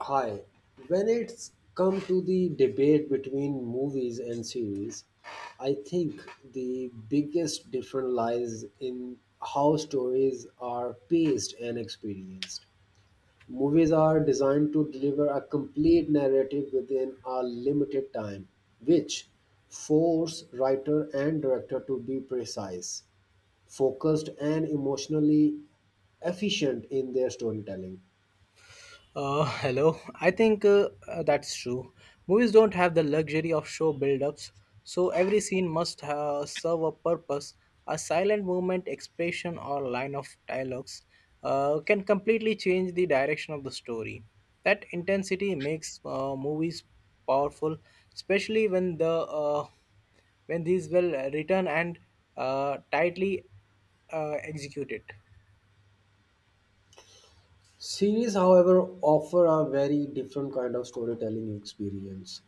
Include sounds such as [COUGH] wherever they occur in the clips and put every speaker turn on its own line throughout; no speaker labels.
Hi. When it's come to the debate between movies and series, I think the biggest difference lies in how stories are paced and experienced. Movies are designed to deliver a complete narrative within a limited time, which force writer and director to be precise, focused, and emotionally efficient in their storytelling.
[LAUGHS] Hello. I think that's true. Movies don't have the luxury of show build-ups, so every scene must serve a purpose. A silent movement, expression, or line of dialogues can completely change the direction of the story. That intensity makes movies powerful, especially when the when these well written and tightly executed.
Series, however, offer a very different kind of storytelling experience.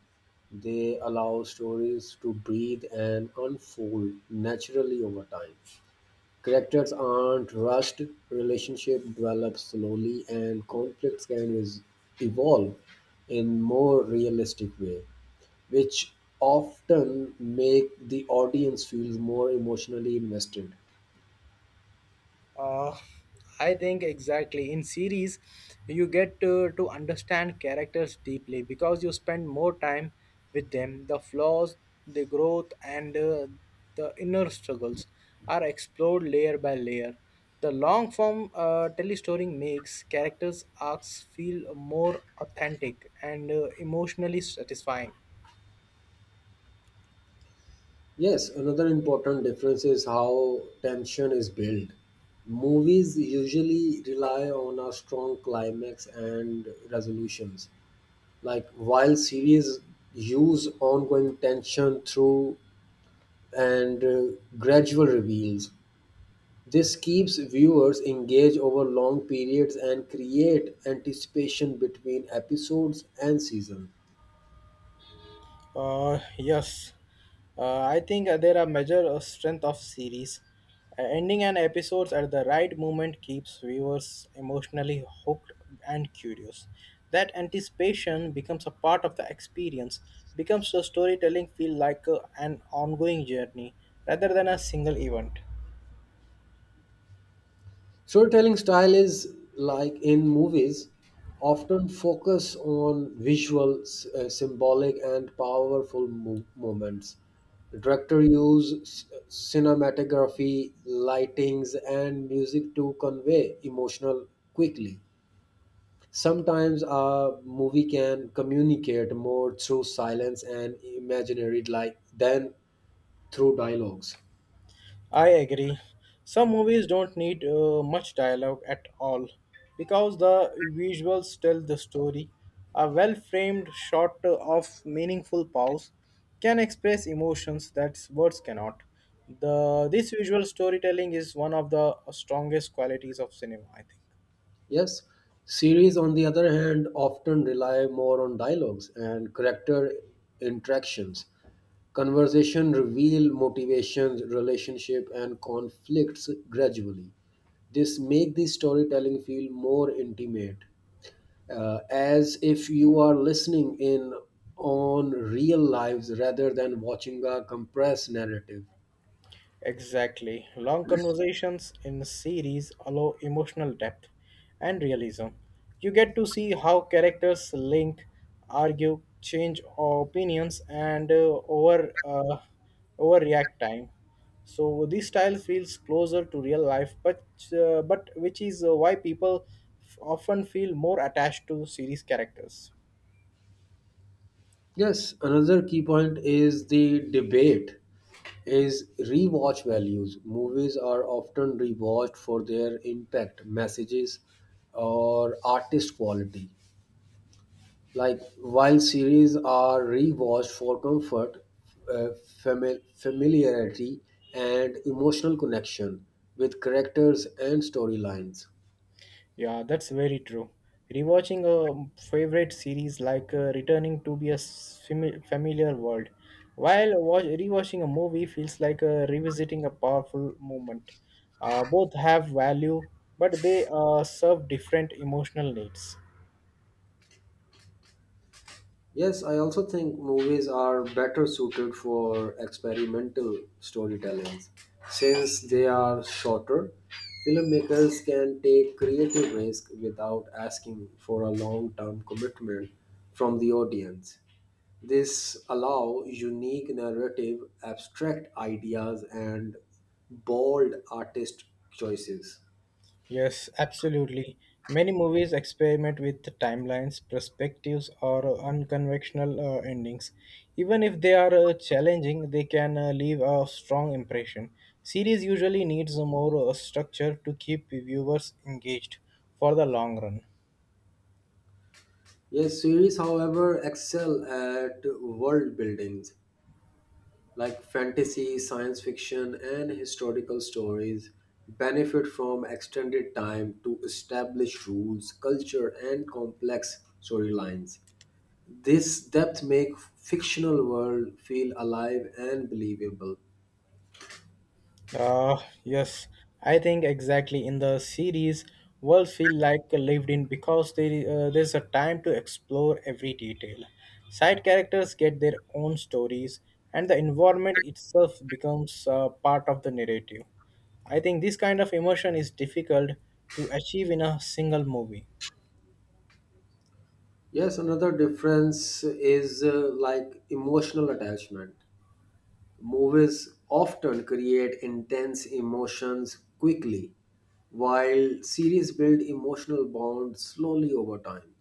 They allow stories to breathe and unfold naturally over time. Characters aren't rushed, relationship develop slowly, and conflicts can evolve in more realistic way, which often make the audience feel more emotionally invested.
Uh, I think exactly. In series, you get to understand characters deeply because you spend more time with them. The flaws, the growth, and the inner struggles are explored layer by layer. The long form telestory makes characters' arcs feel more authentic and emotionally satisfying.
Yes, another important difference is how tension is built. Movies usually rely on a strong climax and resolutions, like while series use ongoing tension through and gradual reveals. This keeps viewers engaged over long periods and create anticipation between episodes and seasons.
Yes, I think there are measure of strength of series. Ending an episode at the right moment keeps viewers emotionally hooked and curious. That anticipation becomes a part of the experience. Becomes the storytelling feel like an ongoing journey rather than a single event.
Storytelling style is like in movies, often focus on visual, symbolic, and powerful moments. The director use cinematography, lightings, and music to convey emotional quickly. Sometimes a movie can communicate more through silence and imaginary like than through dialogues.
I agree. Some movies don't need much dialogue at all because the visuals tell the story. A well framed shot of meaningful pause can express emotions that words cannot. This visual storytelling is one of the strongest qualities of cinema, I think.
Yes, series on the other hand often rely more on dialogues and character interactions. Conversation reveal motivations, relationship and conflicts gradually. This make the storytelling feel more intimate, as if you are listening in on real lives rather than watching a compressed narrative.
Exactly. Long conversations in series allow emotional depth and realism. You get to see how characters link, argue, change opinions, and overreact time. So this style feels closer to real life, but which is why people often feel more attached to series characters.
Yes, another key point is the debate is rewatch values. Movies are often rewatched for their impact, messages, or artist quality. Like while series are rewatched for comfort, uh, familiarity, and emotional connection with characters and storylines.
Yeah, that's very true. Rewatching a favorite series like returning to be a familiar world, while rewatching a movie feels like revisiting a powerful moment. Both have value, but they serve different emotional needs.
Yes, I also think movies are better suited for experimental storytelling. Since they are shorter, filmmakers can take creative risk without asking for a long-term commitment from the audience. This allow unique narrative, abstract ideas, and bold artist choices.
Yes, absolutely. Many movies experiment with the timelines, perspectives, or unconventional endings. Even if they are challenging, they can leave a strong impression. Series usually needs more structure to keep viewers engaged for the long run.
Yes, series, however, excel at world building like fantasy, science fiction, and historical stories benefit from extended time to establish rules, culture, and complex storylines. This depth makes fictional world feel alive and believable.
Uh, yes, I think exactly in the series, worlds feel like lived in because there's a time to explore every detail. Side characters get their own stories, and the environment itself becomes part of the narrative. I think this kind of emotion is difficult to achieve in a single movie.
Yes, another difference is, like emotional attachment. Movies often create intense emotions quickly, while series build emotional bonds slowly over time.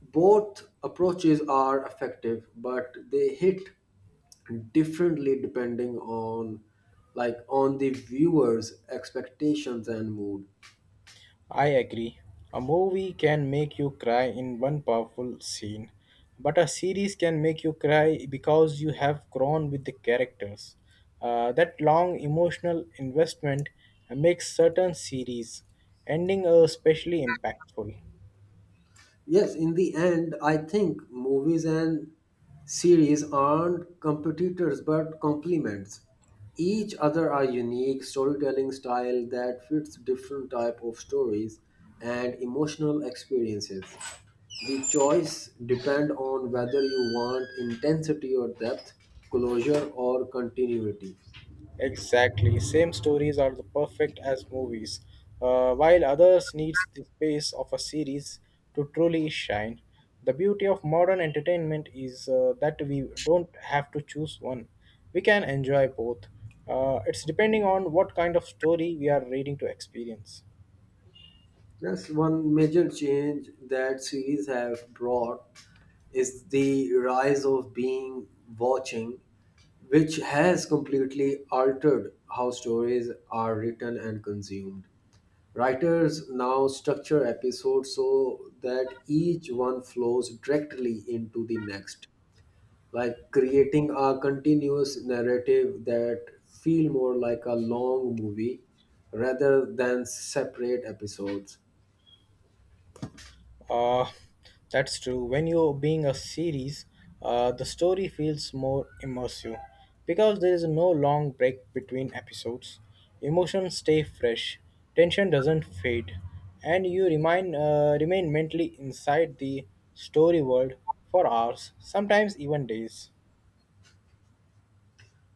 Both approaches are effective, but they hit differently depending on like on the viewer's expectations and mood.
I agree. A movie can make you cry in one powerful scene, but a series can make you cry because you have grown with the characters. That long emotional investment makes certain series ending especially impactful.
Yes, in the end, I think movies and series aren't competitors but complements. Each other are unique storytelling style that fits different type of stories and emotional experiences. The choice depend on whether you want intensity or depth, closure or continuity.
Exactly. Same stories are the perfect as movies, while others needs the space of a series to truly shine. The beauty of modern entertainment is that we don't have to choose one. We can enjoy both. It's depending on what kind of story we are reading to experience.
That's one major change that series have brought is the rise of being watching, which has completely altered how stories are written and consumed. Writers now structure episodes so that each one flows directly into the next, like creating a continuous narrative that feel more like a long movie rather than separate episodes.
Uh, that's true. When you're being a series, the story feels more immersive because there is no long break between episodes. Emotions stay fresh, tension doesn't fade, and you remain mentally inside the story world for hours, sometimes even days.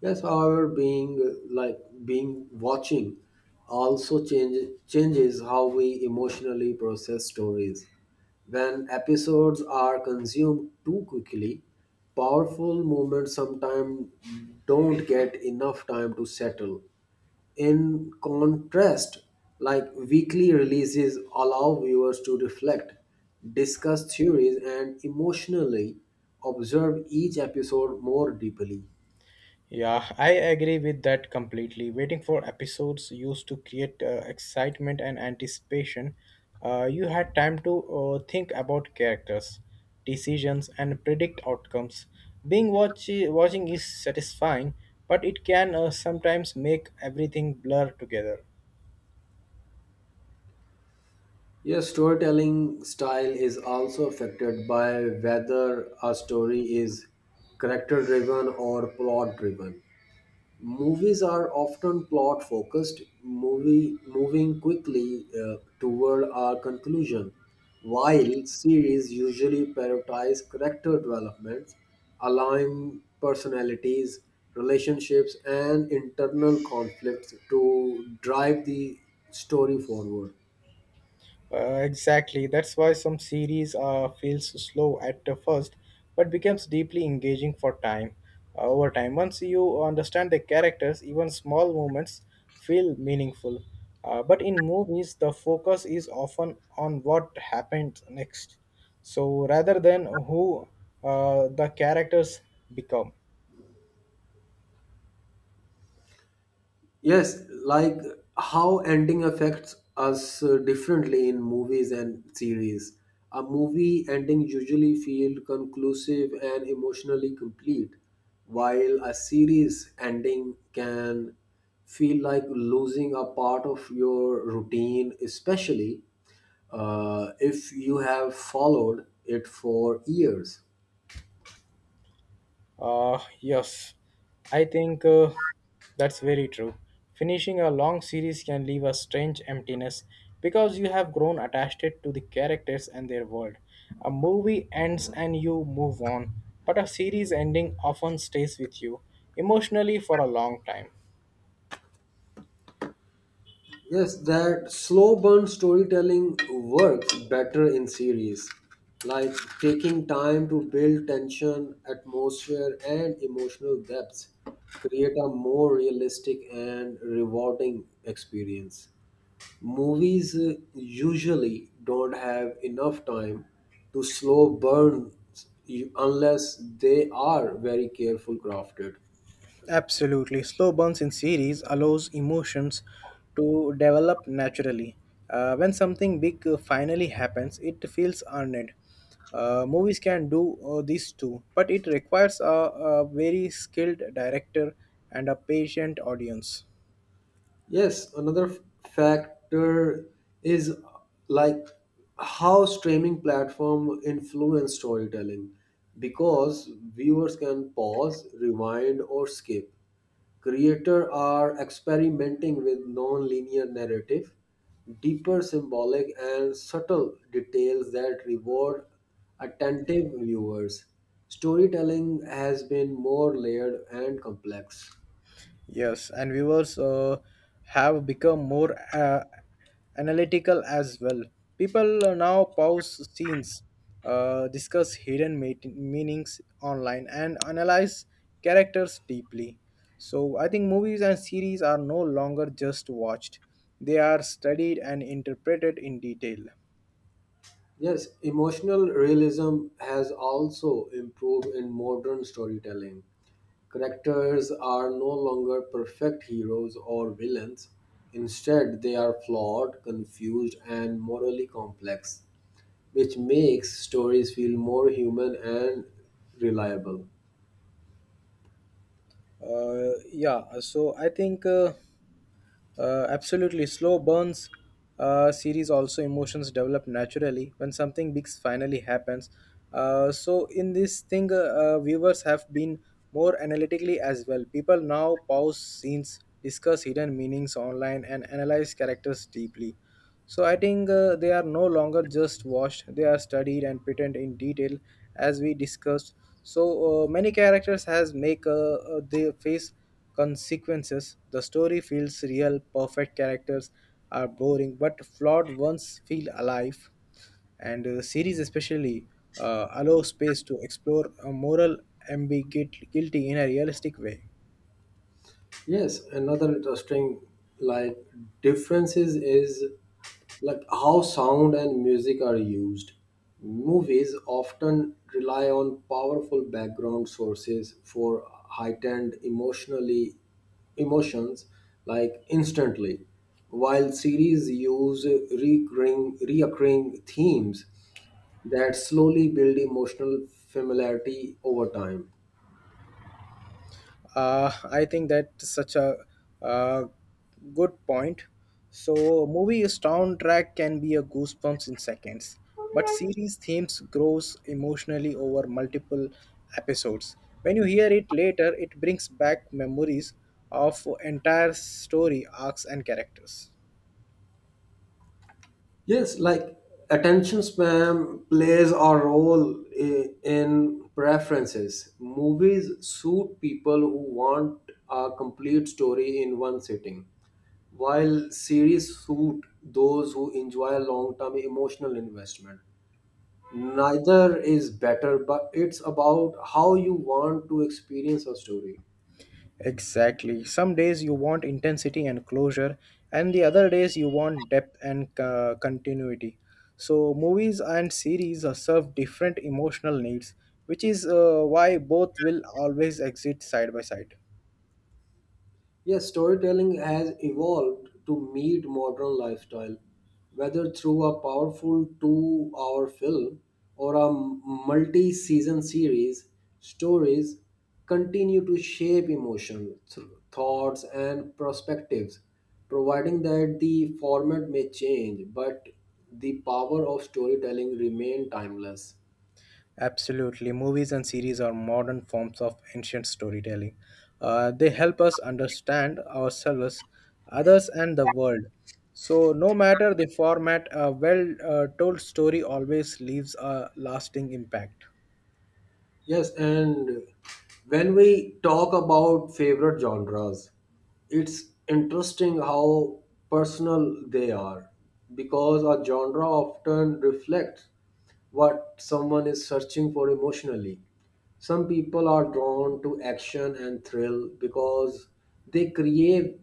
Yes, however, being like being watching also changes how we emotionally process stories. When episodes are consumed too quickly, powerful moments sometimes don't get enough time to settle. In contrast, like weekly releases allow viewers to reflect, discuss theories, and emotionally observe each episode more deeply.
Yeah, I agree with that completely. Waiting for episodes used to create excitement and anticipation. You had time to think about characters, decisions, and predict outcomes. Watching is satisfying, but it can sometimes make everything blur together.
Yes, storytelling style is also affected by whether a story is character driven or plot driven. Movies are often plot focused, movie moving quickly, toward a conclusion, while series usually prioritize character development, allowing personalities, relationships, and internal conflicts to drive the story forward.
Exactly. That's why some series feels slow at the first, but becomes deeply engaging for time. Over time, once you understand the characters, even small moments feel meaningful. But in movies, the focus is often on what happened next, so rather than who the characters become.
Yes, like how ending affects us, differently in movies and series. A movie ending usually feel conclusive and emotionally complete, while a series ending can feel like losing a part of your routine, especially if you have followed it for years.
Yes, I think that's very true. Finishing a long series can leave a strange emptiness because you have grown attached to the characters and their world. A movie ends and you move on, but a series ending often stays with you emotionally for a long time.
Yes, that slow burn storytelling works better in series, like taking time to build tension, atmosphere, and emotional depth, create a more realistic and rewarding experience. Movies usually don't have enough time to slow burn unless they are very careful crafted.
Absolutely. Slow burns in series allows emotions to develop naturally. When something big finally happens, it feels earned. Movies can do this too, but it requires a very skilled director and a patient audience.
Yes, another factor is like how streaming platform influence storytelling because viewers can pause, rewind, or skip. Creators are experimenting with non-linear narrative, deeper symbolic and subtle details that reward attentive viewers. Storytelling has been more layered and complex.
Yes, and viewers have become more analytical as well. People now pause scenes, discuss hidden meanings online, and analyze characters deeply. So, I think movies and series are no longer just watched, they are studied and interpreted in detail.
Yes, emotional realism has also improved in modern storytelling. Characters are no longer perfect heroes or villains. Instead, they are flawed, confused, and morally complex, which makes stories feel more human and reliable.
Yeah, so I think. Absolutely, slow burns series also emotions develop naturally when something big finally happens. So in this thing, viewers have been more analytically as well. People now pause scenes, discuss hidden meanings online, and analyze characters deeply. So I think they are no longer just watched; they are studied and pretend in detail, as we discussed. So many characters has make they face consequences. The story feels real. Perfect characters are boring, but flawed ones feel alive. And series especially allow space to explore a moral ambiguity in a realistic way.
Yes, another interesting like differences is like how sound and music are used. Movies often rely on powerful background sources for heightened emotionally emotions like instantly, while series use recurring reoccurring themes that slowly build emotional familiarity over time.
I think that's such a uh, good point. So, movie soundtrack can be a goosebumps in seconds, but series themes grows emotionally over multiple episodes. When you hear it later, it brings back memories of entire story arcs and characters.
Yes, like attention span plays a role in preferences. Movies suit people who want a complete story in one sitting, while series suit those who enjoy long term emotional investment. Neither is better, but it's about how you want to experience a story.
Exactly. Some days you want intensity and closure, and the other days you want depth and continuity. So, movies and series are serve different emotional needs, which is why both will always exist side by side.
Yes, storytelling has evolved to meet modern lifestyle, whether through a powerful 2-hour film or a multi season series, stories continue to shape emotion, thoughts, and perspectives, providing that the format may change, but the power of storytelling remain timeless.
Absolutely. Movies and series are modern forms of ancient storytelling. They help us understand ourselves, others, and the world. So, no matter the format, a well told story always leaves a lasting impact.
Yes, and when we talk about favorite genres, it's interesting how personal they are because a genre often reflects what someone is searching for emotionally. Some people are drawn to action and thrill because they crave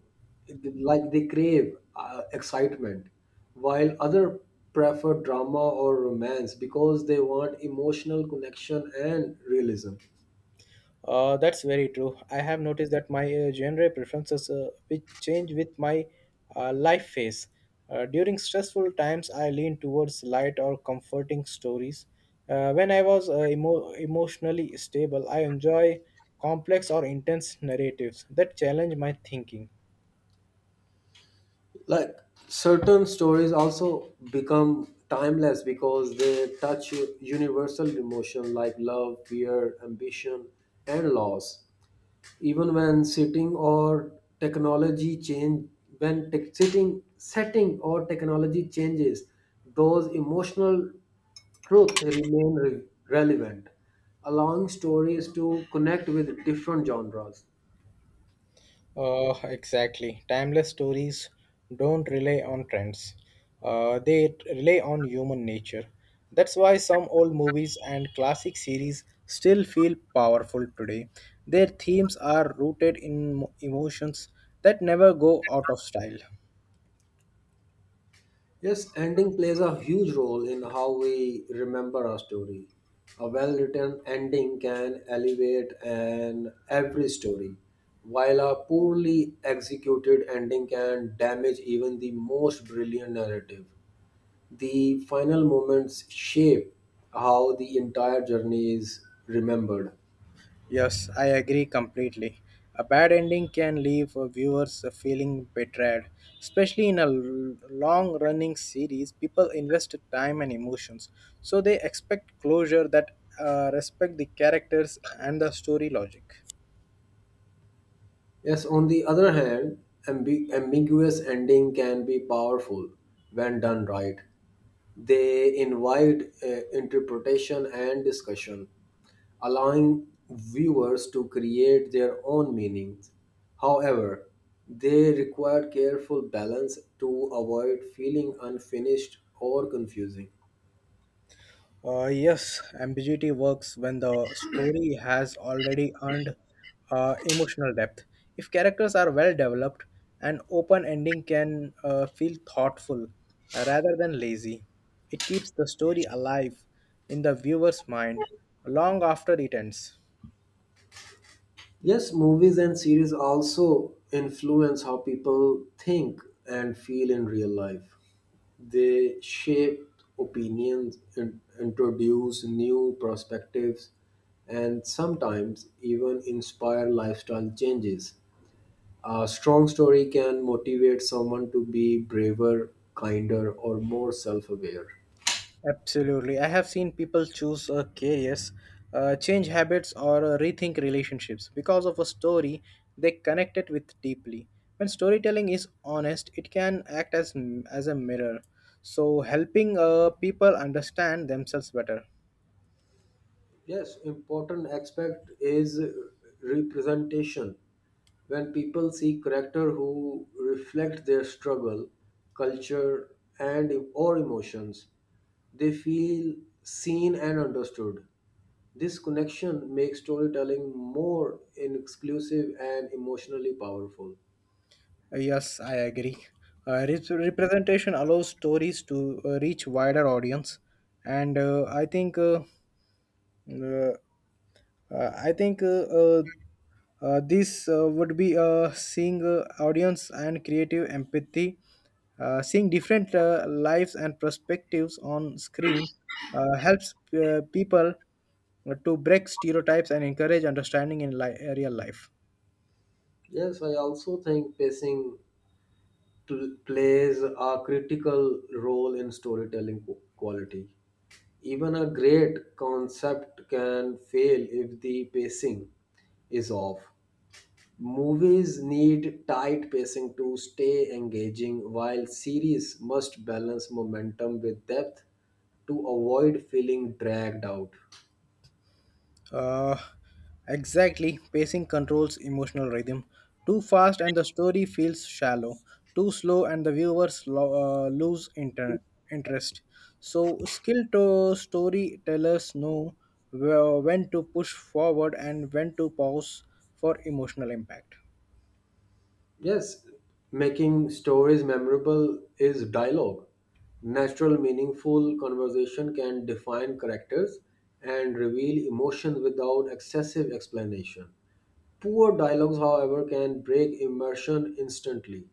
like they crave, excitement, while other prefer drama or romance because they want emotional connection and realism.
That's very true. I have noticed that my genre preferences which change with my life phase. During stressful times, I lean towards light or comforting stories. When I was emotionally stable, I enjoy complex or intense narratives that challenge my thinking.
Like certain stories also become timeless because they touch universal emotion like love, fear, ambition, and loss, even when sitting or technology change. When tech sitting setting or technology changes, those emotional truths remain relevant, allowing stories to connect with different genres.
Exactly. Timeless stories don't rely on trends. They rely on human nature. That's why some old movies and classic series still feel powerful today. Their themes are rooted in emotions that never go out of style.
Yes, ending plays a huge role in how we remember a story. A well written ending can elevate an every story, while a poorly executed ending can damage even the most brilliant narrative. The final moments shape how the entire journey is remembered.
Yes, I agree completely. A bad ending can leave viewers feeling betrayed. Especially in a long running series, people invest time and emotions. So they expect closure that respect the characters and the story logic.
Yes, on the other hand, ambiguous ending can be powerful when done right. They invite, interpretation and discussion, allowing viewers to create their own meanings. However, they require careful balance to avoid feeling unfinished or confusing.
Yes, ambiguity works when the story has already earned emotional depth. If characters are well developed, an open ending can feel thoughtful rather than lazy. It keeps the story alive in the viewer's mind long after it ends.
Yes, movies and series also influence how people think and feel in real life. They shape opinions, introduce new perspectives, and sometimes even inspire lifestyle changes. A strong story can motivate someone to be braver, kinder, or more self aware.
Absolutely. I have seen people choose careers, change habits, or rethink relationships because of a story they connected with deeply. When storytelling is honest, it can act as a mirror, so helping people understand themselves better.
Yes, important aspect is representation. When people see character who reflect their struggle, culture, and or emotions, they feel seen and understood. This connection makes storytelling more inclusive and emotionally powerful.
Yes, I agree. Representation allows stories to reach wider audience, and uh, I think uh, this would be seeing audience and creative empathy, seeing different lives and perspectives on screen helps people to break stereotypes and encourage understanding in real life.
Yes, I also think pacing plays a critical role in storytelling quality. Even a great concept can fail if the pacing is off. Movies need tight pacing to stay engaging, while series must balance momentum with depth to avoid feeling dragged out.
Uh, exactly. Pacing controls emotional rhythm. Too fast and the story feels shallow. Too slow and the viewers interest. So, skilled storytellers know when to push forward and when to pause for emotional impact.
Yes, making stories memorable is dialogue. Natural, meaningful conversation can define characters and reveal emotion without excessive explanation. Poor dialogues, however, can break immersion instantly.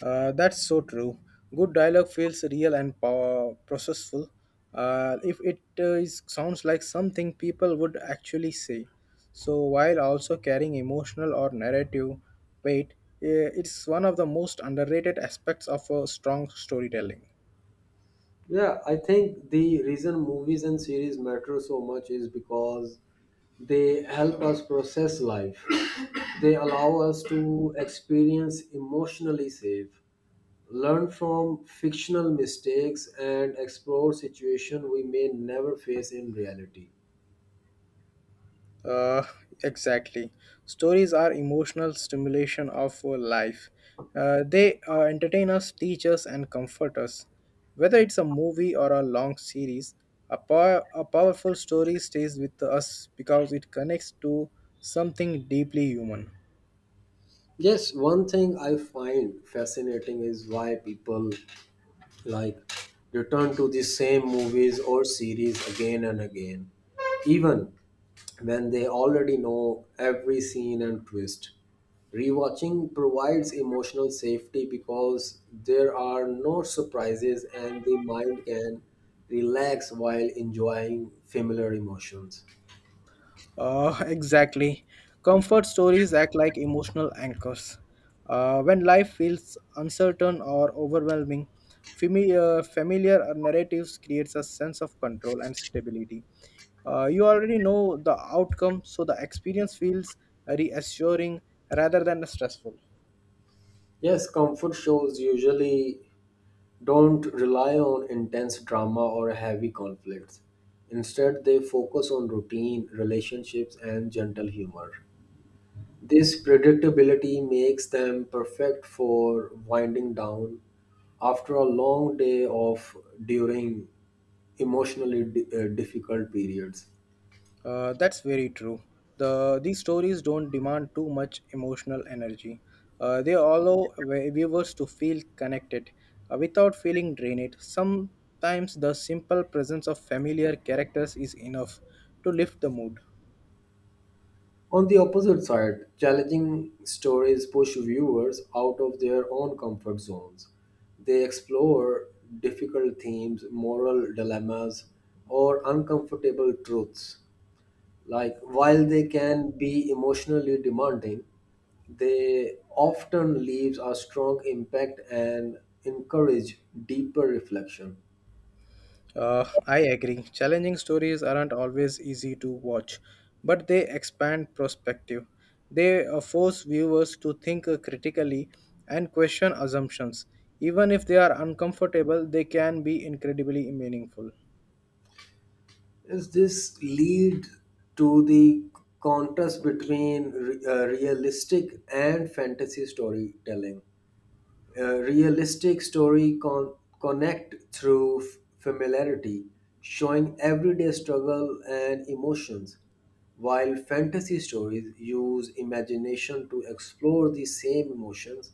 That's so true. Good dialogue feels real and power processful. If it is, sounds like something people would actually say, so while also carrying emotional or narrative weight, it's one of the most underrated aspects of a strong storytelling.
Yeah, I think the reason movies and series matter so much is because they help us process life. They allow us to experience emotionally safe, learn from fictional mistakes, and explore situations we may never face in reality.
Uh, exactly. Stories are emotional stimulation of life. They entertain us, teach us, and comfort us. Whether it's a movie or a long series, a powerful story stays with us because it connects to something deeply human.
Yes, one thing I find fascinating is why people like return to the same movies or series again and again, even when they already know every scene and twist. Rewatching provides emotional safety because there are no surprises and the mind can relax while enjoying familiar emotions.
[LAUGHS] Exactly. Comfort stories act like emotional anchors. When life feels uncertain or overwhelming, familiar narratives creates a sense of control and stability. You already know the outcome, so the experience feels reassuring rather than stressful.
Yes, comfort shows usually don't rely on intense drama or heavy conflicts. Instead, they focus on routine, relationships, and gentle humor. This predictability makes them perfect for winding down after a long day of during emotionally difficult periods.
That's very true. These stories don't demand too much emotional energy. They allow viewers to feel connected without feeling drained. Sometimes the simple presence of familiar characters is enough to lift the mood.
On the opposite side, challenging stories push viewers out of their own comfort zones. They explore difficult themes, moral dilemmas, or uncomfortable truths. Like, while they can be emotionally demanding, they often leaves a strong impact and encourage deeper reflection.
I agree. Challenging stories aren't always easy to watch, but they expand perspective. They force viewers to think critically and question assumptions. Even if they are uncomfortable, they can be incredibly meaningful.
Does this lead to the contrast between realistic and fantasy storytelling? A realistic story connect through familiarity, showing everyday struggle and emotions, while fantasy stories use imagination to explore the same emotions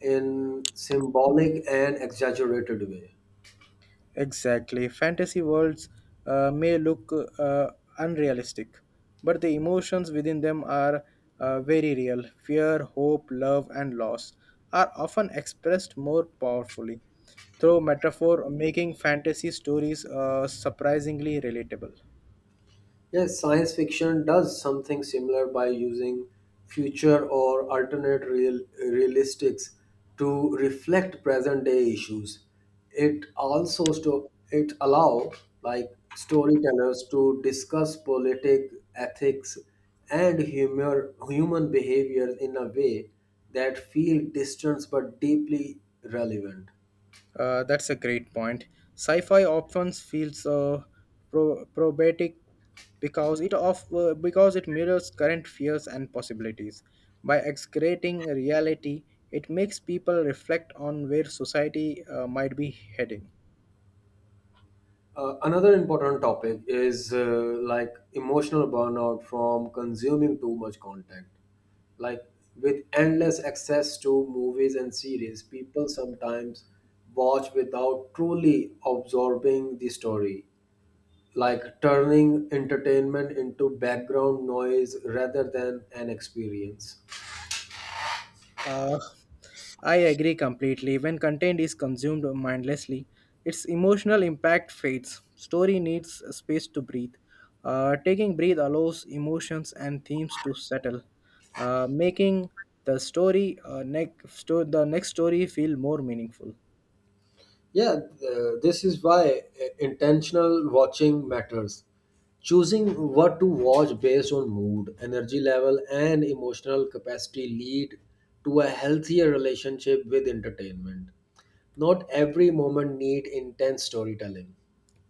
in symbolic and exaggerated way.
Exactly. Fantasy worlds may look uh, unrealistic, but the emotions within them are very real. Fear, hope, love, and loss are often expressed more powerfully through metaphor, making fantasy stories surprisingly relatable.
Yes, science fiction does something similar by using future or alternate realistics to reflect present day issues. It allow like storytellers to discuss politics, ethics, and human behavior in a way that feel distant but deeply relevant.
That's a great point. Sci-fi often feels probatic because it mirrors current fears and possibilities. By excreting reality, it makes people reflect on where society might be heading.
Another important topic is, like emotional burnout from consuming too much content. Like with endless access to movies and series, people sometimes watch without truly absorbing the story, like turning entertainment into background noise rather than an experience.
Uh, I agree completely. When content is consumed mindlessly, its emotional impact fades. Story needs space to breathe. Taking breath allows emotions and themes to settle, making the story the next story feel more meaningful.
Yeah, this is why intentional watching matters. Choosing what to watch based on mood, energy level, and emotional capacity lead to a healthier relationship with entertainment. Not every moment need intense storytelling.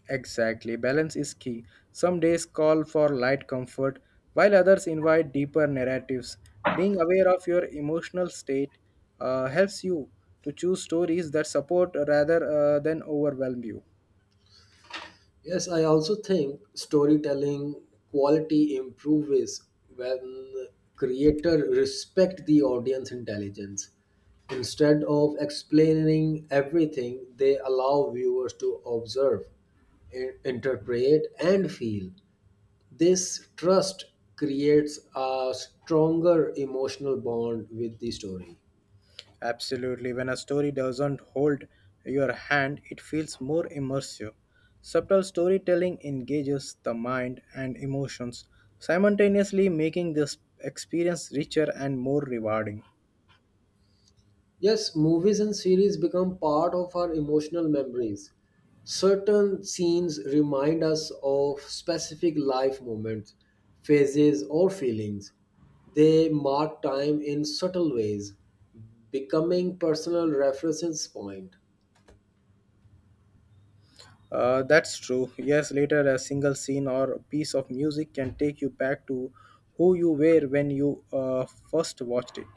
Exactly, balance is key. Some days call for light comfort, while others invite deeper narratives. Being aware of your emotional state helps you to choose stories that support rather than overwhelm you.
Yes, I also think storytelling quality improves when creator respect the audience intelligence. Instead of explaining everything, they allow viewers to observe, interpret, and feel. This trust creates a stronger emotional bond with the story.
Absolutely, when a story doesn't hold your hand, it feels more immersive. Subtle storytelling engages the mind and emotions, simultaneously making this experience richer and more rewarding.
Yes, movies and series become part of our emotional memories. Certain scenes remind us of specific life moments, phases, or feelings. They mark time in subtle ways, becoming personal references point.
That's true. Yes, later a single scene or a piece of music can take you back to who you were when you first watched it.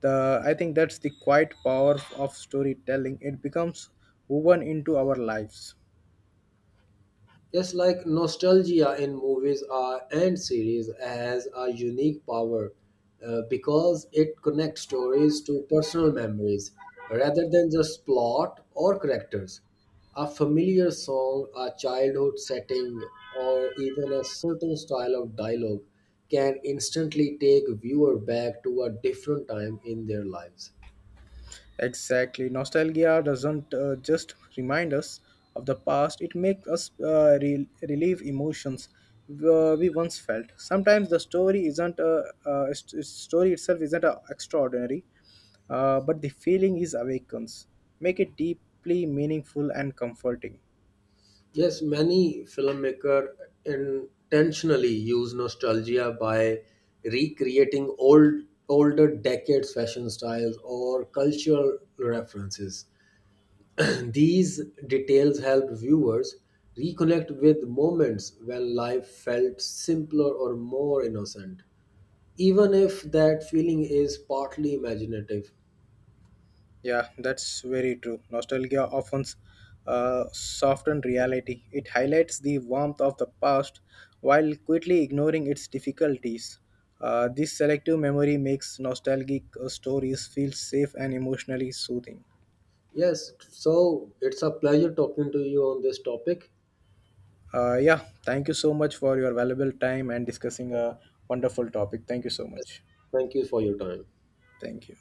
The I think that's the quiet power of storytelling. It becomes woven into our lives.
Just like nostalgia in movies are, and series has a unique power, because it connects stories to personal memories rather than just plot or characters. A familiar song, a childhood setting, or even a certain style of dialogue can instantly take viewer back to a different time in their lives.
Exactly. Nostalgia doesn't just remind us of the past, it makes us relieve emotions we once felt. Sometimes the story isn't, its story itself isn't extraordinary, but the feeling is awakens, make it deeply meaningful and comforting.
Yes, many filmmakers intentionally use nostalgia by recreating older decades fashion styles or cultural references. [CLEARS THROAT] These details help viewers reconnect with moments when life felt simpler or more innocent, even if that feeling is partly imaginative.
Yeah, that's very true. Nostalgia often softens reality. It highlights the warmth of the past while quickly ignoring its difficulties. This selective memory makes nostalgic stories feel safe and emotionally soothing.
Yes, so it's a pleasure talking to you on this topic.
Uh, yeah, Thank you so much for your valuable time and discussing a wonderful topic. Thank you so
Yes,
much.
thank you for your time.
Thank you.